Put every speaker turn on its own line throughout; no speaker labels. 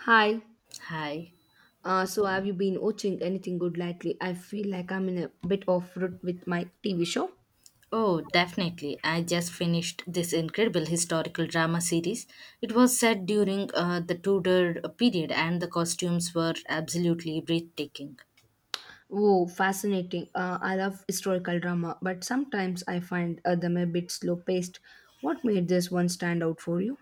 Hi.
Hi.
So have you been watching anything good lately? I feel like I'm in a bit of rut with my TV show.
Oh, definitely. I just finished this incredible historical drama series. It was set during the Tudor period, and the costumes were absolutely breathtaking.
Oh, fascinating. I love historical drama, but sometimes I find them a bit slow paced. What made this one stand out for you?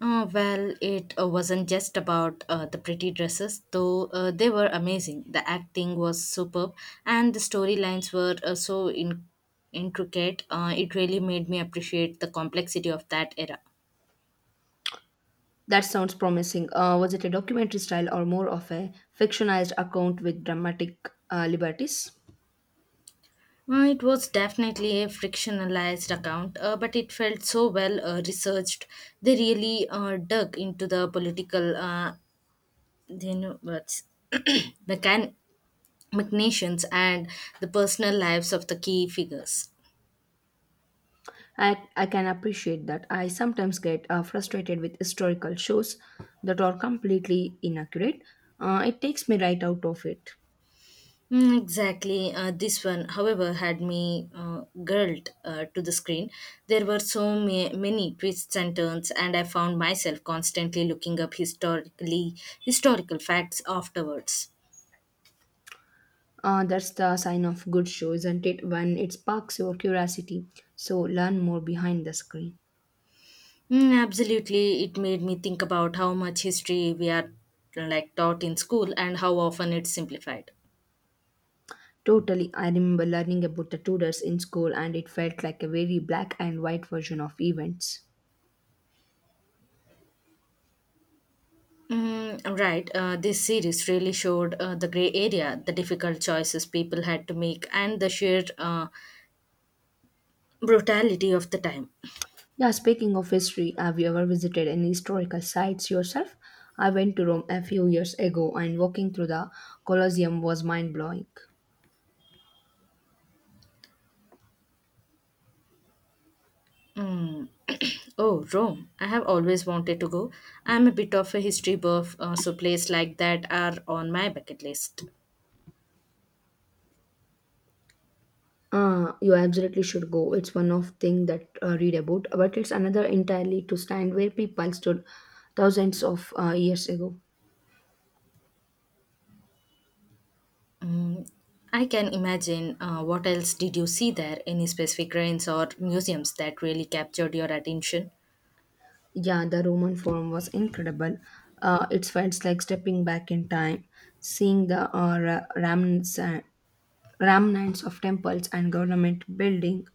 Well, it wasn't just about the pretty dresses, though they were amazing. The acting was superb, and the storylines were so intricate. It really made me appreciate the complexity of that era.
That sounds promising. Was it a documentary style or more of a fictionalized account with dramatic liberties?
It was definitely a frictionalized account, but it felt so well researched. They really dug into the political, what's mechan- machinations and the personal lives of the key figures.
I can appreciate that. I sometimes get frustrated with historical shows that are completely inaccurate. It takes me right out of it.
Mm, exactly. This one, however, had me glued to the screen. There were so many twists and turns, and I found myself constantly looking up historical facts afterwards.
That's the sign of good show, isn't it? When it sparks your curiosity. So learn more behind the screen.
Mm, absolutely. It made me think about how much history we are like taught in school and how often it's simplified.
Totally. I remember learning about the Tudors in school, and it felt like a very black and white version of events.
Mm, right. This series really showed the gray area, the difficult choices people had to make, and the sheer brutality of the time.
Yeah, speaking of history, have you ever visited any historical sites yourself? I went to Rome a few years ago, and walking through the Colosseum was mind blowing.
Mm. Oh, Rome. I have always wanted to go. I'm a bit of a history buff, so places like that are on my bucket list.
You absolutely should go. It's one of thing that read about, but it's another entirely to stand where people stood thousands of years ago.
Mm, I can imagine. What else did you see there? Any specific ruins or museums that really captured your attention?
Yeah, the Roman Forum was incredible. It felt like stepping back in time, seeing the remnants, remnants of temples and government building,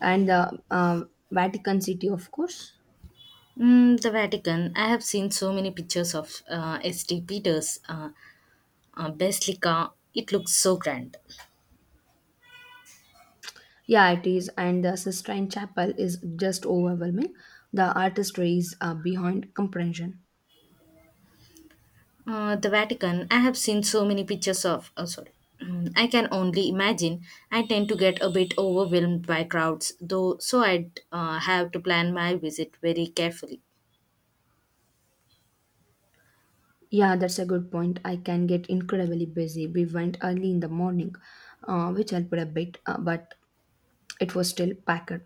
and the Vatican City, of course.
Mm, the Vatican. I have seen so many pictures of St. Peter's Basilica. It looks so grand.
Yeah, it is. And the Sistine Chapel is just overwhelming. The artistry is behind comprehension.
The Vatican. I have seen so many pictures of. Oh, sorry. Mm, I can only imagine. I tend to get a bit overwhelmed by crowds, though, so I'd have to plan my visit very carefully.
Yeah, that's a good point. I can get incredibly busy. We went early in the morning, which helped a bit, but it was still packed.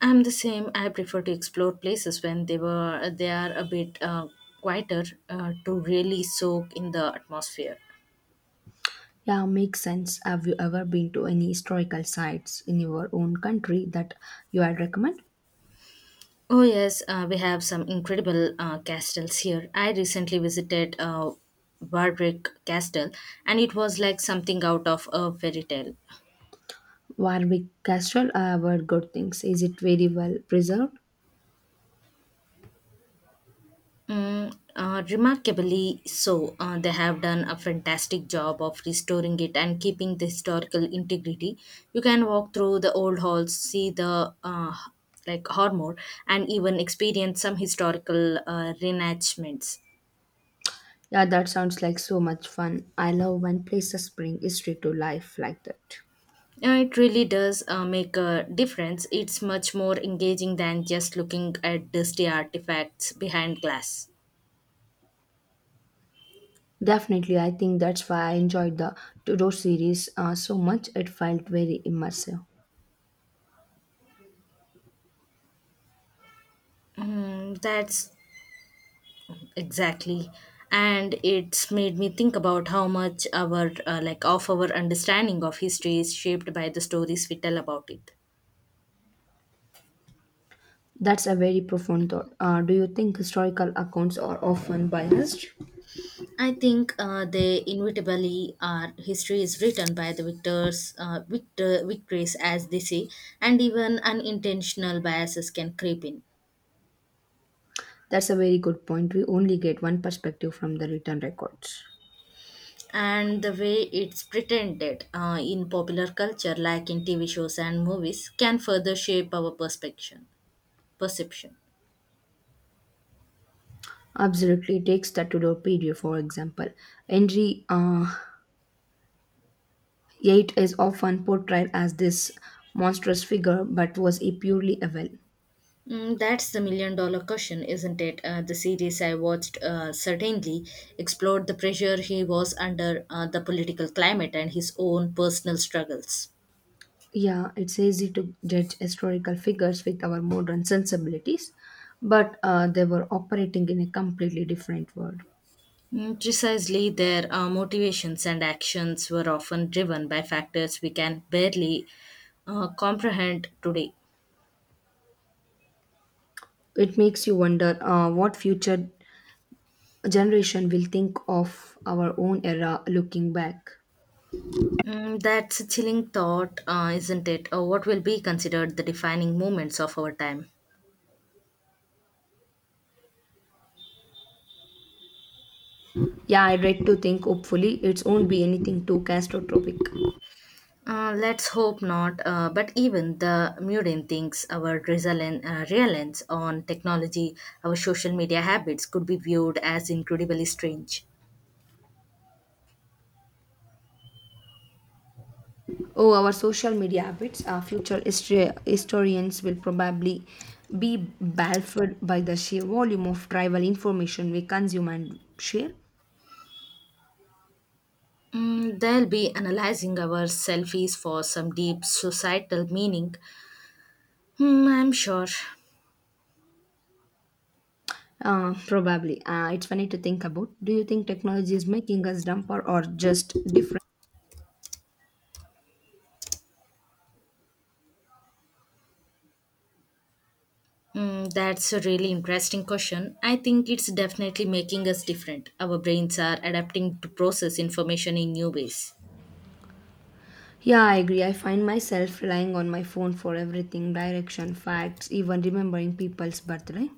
I'm the same. I prefer to explore places when they are a bit quieter to really soak in the atmosphere.
Yeah, makes sense. Have you ever been to any historical sites in your own country that you had recommend?
Oh yes, we have some incredible castles here. I recently visited Warwick Castle, and it was like something out of a fairy tale.
Warwick Castle, I have heard good things. Is it very well preserved?
Mm, remarkably so. They have done a fantastic job of restoring it and keeping the historical integrity. You can walk through the old halls, see the like Hormor, and even experience some historical reenactments.
Yeah, that sounds like so much fun. I love when places bring history to life like that.
Yeah, it really does make a difference. It's much more engaging than just looking at dusty artifacts behind glass.
Definitely, I think that's why I enjoyed the Tudor series so much. It felt very immersive.
Mm, that's exactly, and it's made me think about how much our like of our understanding of history is shaped by the stories we tell about it.
That's a very profound thought. Do you think historical accounts are often biased?
I think they inevitably are. History is written by the victors, victories, as they say, and even unintentional biases can creep in.
That's a very good point. We only get one perspective from the written records.
And the way it's pretended in popular culture, like in TV shows and movies, can further shape our perspective perception.
Absolutely, it takes the Tudor period, for example. Henry VIII is often portrayed as this monstrous figure, but was he purely evil?
Mm, that's the million dollar question, isn't it? The series I watched certainly explored the pressure he was under, the political climate, and his own personal struggles.
Yeah, it's easy to judge historical figures with our modern sensibilities, but they were operating in a completely different world.
Mm, precisely, their motivations and actions were often driven by factors we can barely comprehend today.
It makes you wonder what future generation will think of our own era looking back.
Mm, that's a chilling thought, isn't it? What will be considered the defining moments of our time?
Yeah, I read to think hopefully it won't be anything too catastrophic.
Let's hope not. But even the Murin thinks our reliance on technology, our social media habits could be viewed as incredibly strange.
Oh, our social media habits, our future history, historians will probably be baffled by the sheer volume of tribal information we consume and share.
Mm, they'll be analyzing our selfies for some deep societal meaning. Hmm, I'm sure.
Probably. It's funny to think about. Do you think technology is making us dumber or just different?
Hmm, that's a really interesting question. I think it's definitely making us different. Our brains are adapting to process information in new ways.
Yeah, I agree. I find myself relying on my phone for everything direction, facts, even remembering people's birthday.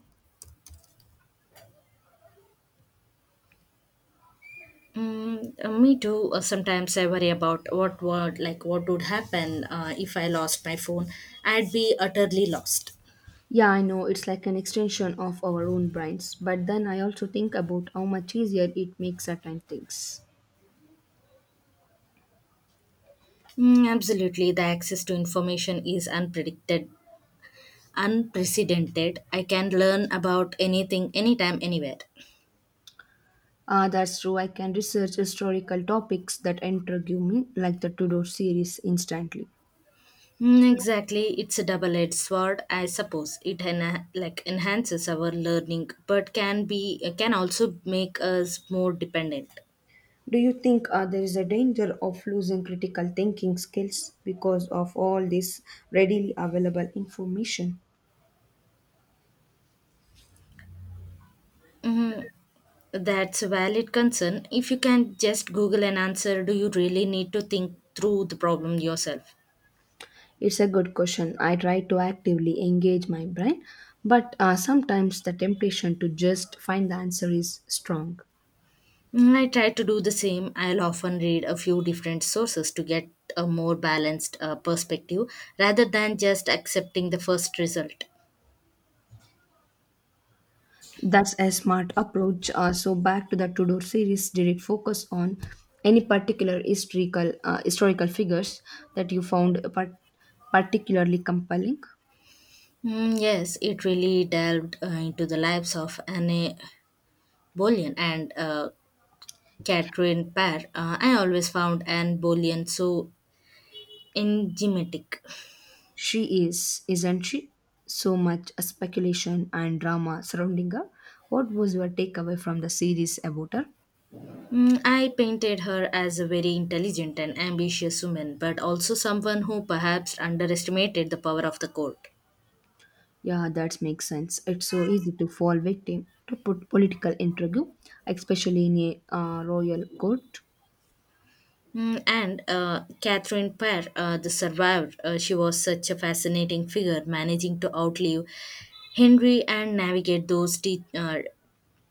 Mm, me too. Sometimes I worry about what would happen if I lost my phone. I'd be utterly lost.
Yeah, I know it's like an extension of our own brains, but then I also think about how much easier it makes certain things.
Mm, absolutely, the access to information is unprecedented. I can learn about anything, anytime, anywhere.
Ah, that's true. I can research historical topics that intrigue me, like the Tudor series, instantly.
Mm, exactly, it's a double-edged sword. I suppose it enhances our learning, but can also make us more dependent.
Do you think there is a danger of losing critical thinking skills because of all this readily available information?
That's a valid concern. If you can just Google an answer, do you really need to think through the problem yourself?
It's a good question. I try to actively engage my brain, but sometimes the temptation to just find the answer is strong.
Mm, I try to do the same. I'll often read a few different sources to get a more balanced perspective rather than just accepting the first result.
That's a smart approach. So back to the Tudor series, did it focus on any particular historical figures that you found particularly compelling?
Mm, yes, it really delved into the lives of Anne Boleyn and Catherine Parr. I always found Anne Boleyn so enigmatic.
She is, isn't she? So much speculation and drama surrounding her. What was your takeaway from the series about her?
Mm, I painted her as a very intelligent and ambitious woman, but also someone who perhaps underestimated the power of the court.
Yeah, that makes sense. It's so easy to fall victim to put political intrigue, especially in a royal court.
Mm, and Catherine Parr, the survivor, she was such a fascinating figure, managing to outlive Henry and navigate those te-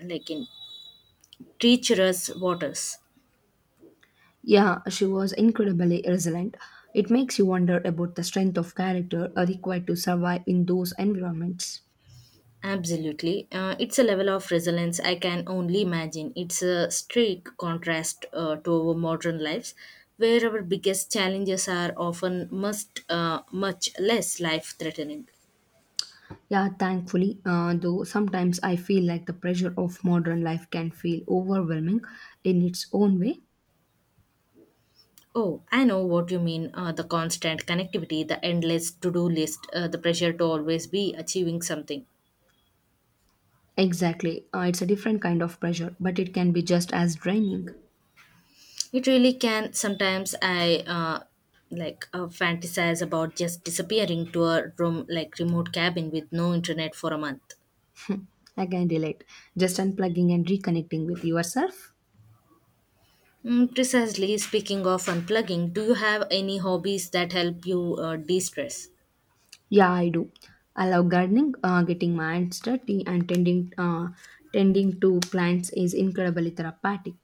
like in treacherous waters.
Yeah, she was incredibly resilient. It makes you wonder about the strength of character required to survive in those environments.
Absolutely. It's a level of resilience I can only imagine. It's a stark contrast to our modern lives, where our biggest challenges are often much less life threatening.
Yeah, thankfully, though sometimes I feel like the pressure of modern life can feel overwhelming in its own way.
Oh, I know what you mean, the constant connectivity, the endless to do list, the pressure to always be achieving something.
Exactly, it's a different kind of pressure, but it can be just as draining.
It really can. Sometimes I fantasize about just disappearing to a room like remote cabin with no internet for a month.
Hmm, I can relate. Just unplugging and reconnecting with yourself.
Mm, precisely. Speaking of unplugging, do you have any hobbies that help you de stress?
Yeah, I do. I love gardening. Getting my hands dirty and tending to plants is incredibly therapeutic.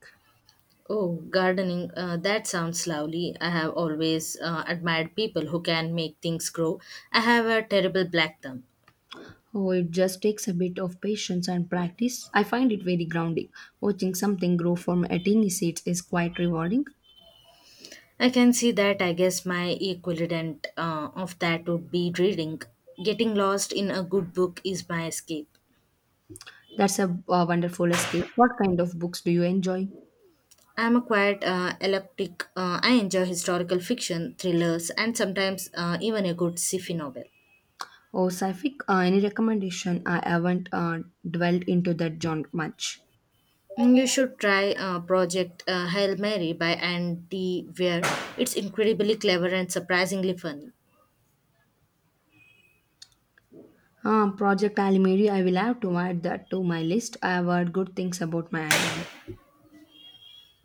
Oh, gardening, that sounds lovely. I have always admired people who can make things grow. I have a terrible black thumb.
Oh, it just takes a bit of patience and practice. I find it very grounding. Watching something grow from a tiny seed is quite rewarding.
I can see that. I guess my equivalent of that would be reading. Getting lost in a good book is my escape.
That's a, wonderful escape. What kind of books do you enjoy?
I'm a quiet, eclectic. I enjoy historical fiction, thrillers, and sometimes even a good sci-fi novel.
Oh, Saifik, any recommendation? I haven't dwelled into that genre much.
Mm, you should try Project Hail Mary by Andy Weir. It's incredibly clever and surprisingly funny.
Project Alimiri, I will have to add that to my list. I have heard good things about my endeavor.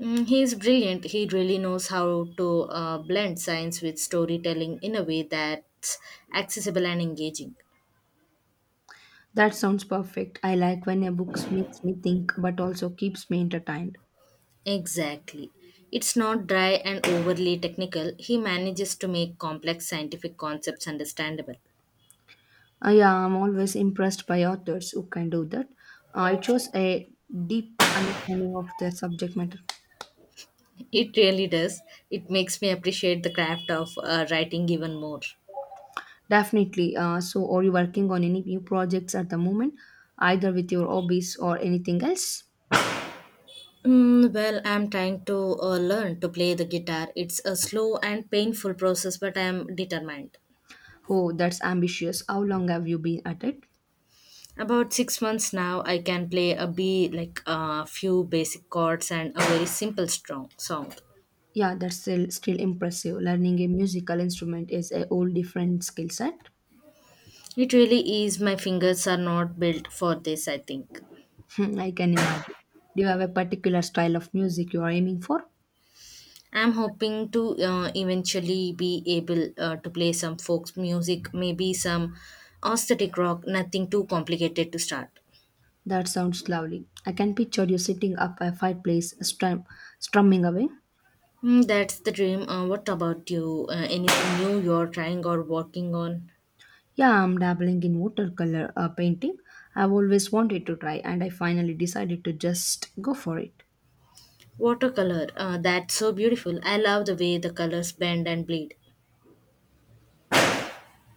Mm, he is brilliant. He really knows how to blend science with storytelling in a way that's accessible and engaging.
That sounds perfect. I like when a book makes me think but also keeps me entertained.
Exactly. It's not dry and overly technical. He manages to make complex scientific concepts understandable.
Yeah, I'm always impressed by authors who can do that. It shows a deep understanding of their subject matter.
It really does. It makes me appreciate the craft of writing even more.
Definitely. So, are you working on any new projects at the moment, either with your hobbies or anything else?
Mm, well, I'm trying to learn to play the guitar. It's a slow and painful process, but I'm determined.
Oh, that's ambitious. How long have you been at it?
About 6 months now, I can play a B, like a few basic chords and a very simple strong song.
Yeah, that's still impressive. Learning a musical instrument is a whole different skill set.
It really is. My fingers are not built for this, I think.
I can imagine. Do you have a particular style of music you are aiming for?
I'm hoping to eventually be able to play some folk music, maybe some aesthetic rock. Nothing too complicated to start.
That sounds lovely. I can picture you sitting up by a fireplace, strumming away.
Mm, that's the dream. What about you? Anything new you're trying or working on?
Yeah, I'm dabbling in watercolor painting. I've always wanted to try, and I finally decided to just go for it.
Watercolor. That's so beautiful. I love the way the colors bend and bleed.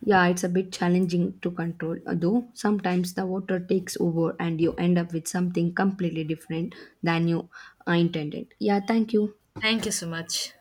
Yeah, it's a bit challenging to control, though sometimes the water takes over and you end up with something completely different than you intended. Yeah, thank you.
Thank you so much.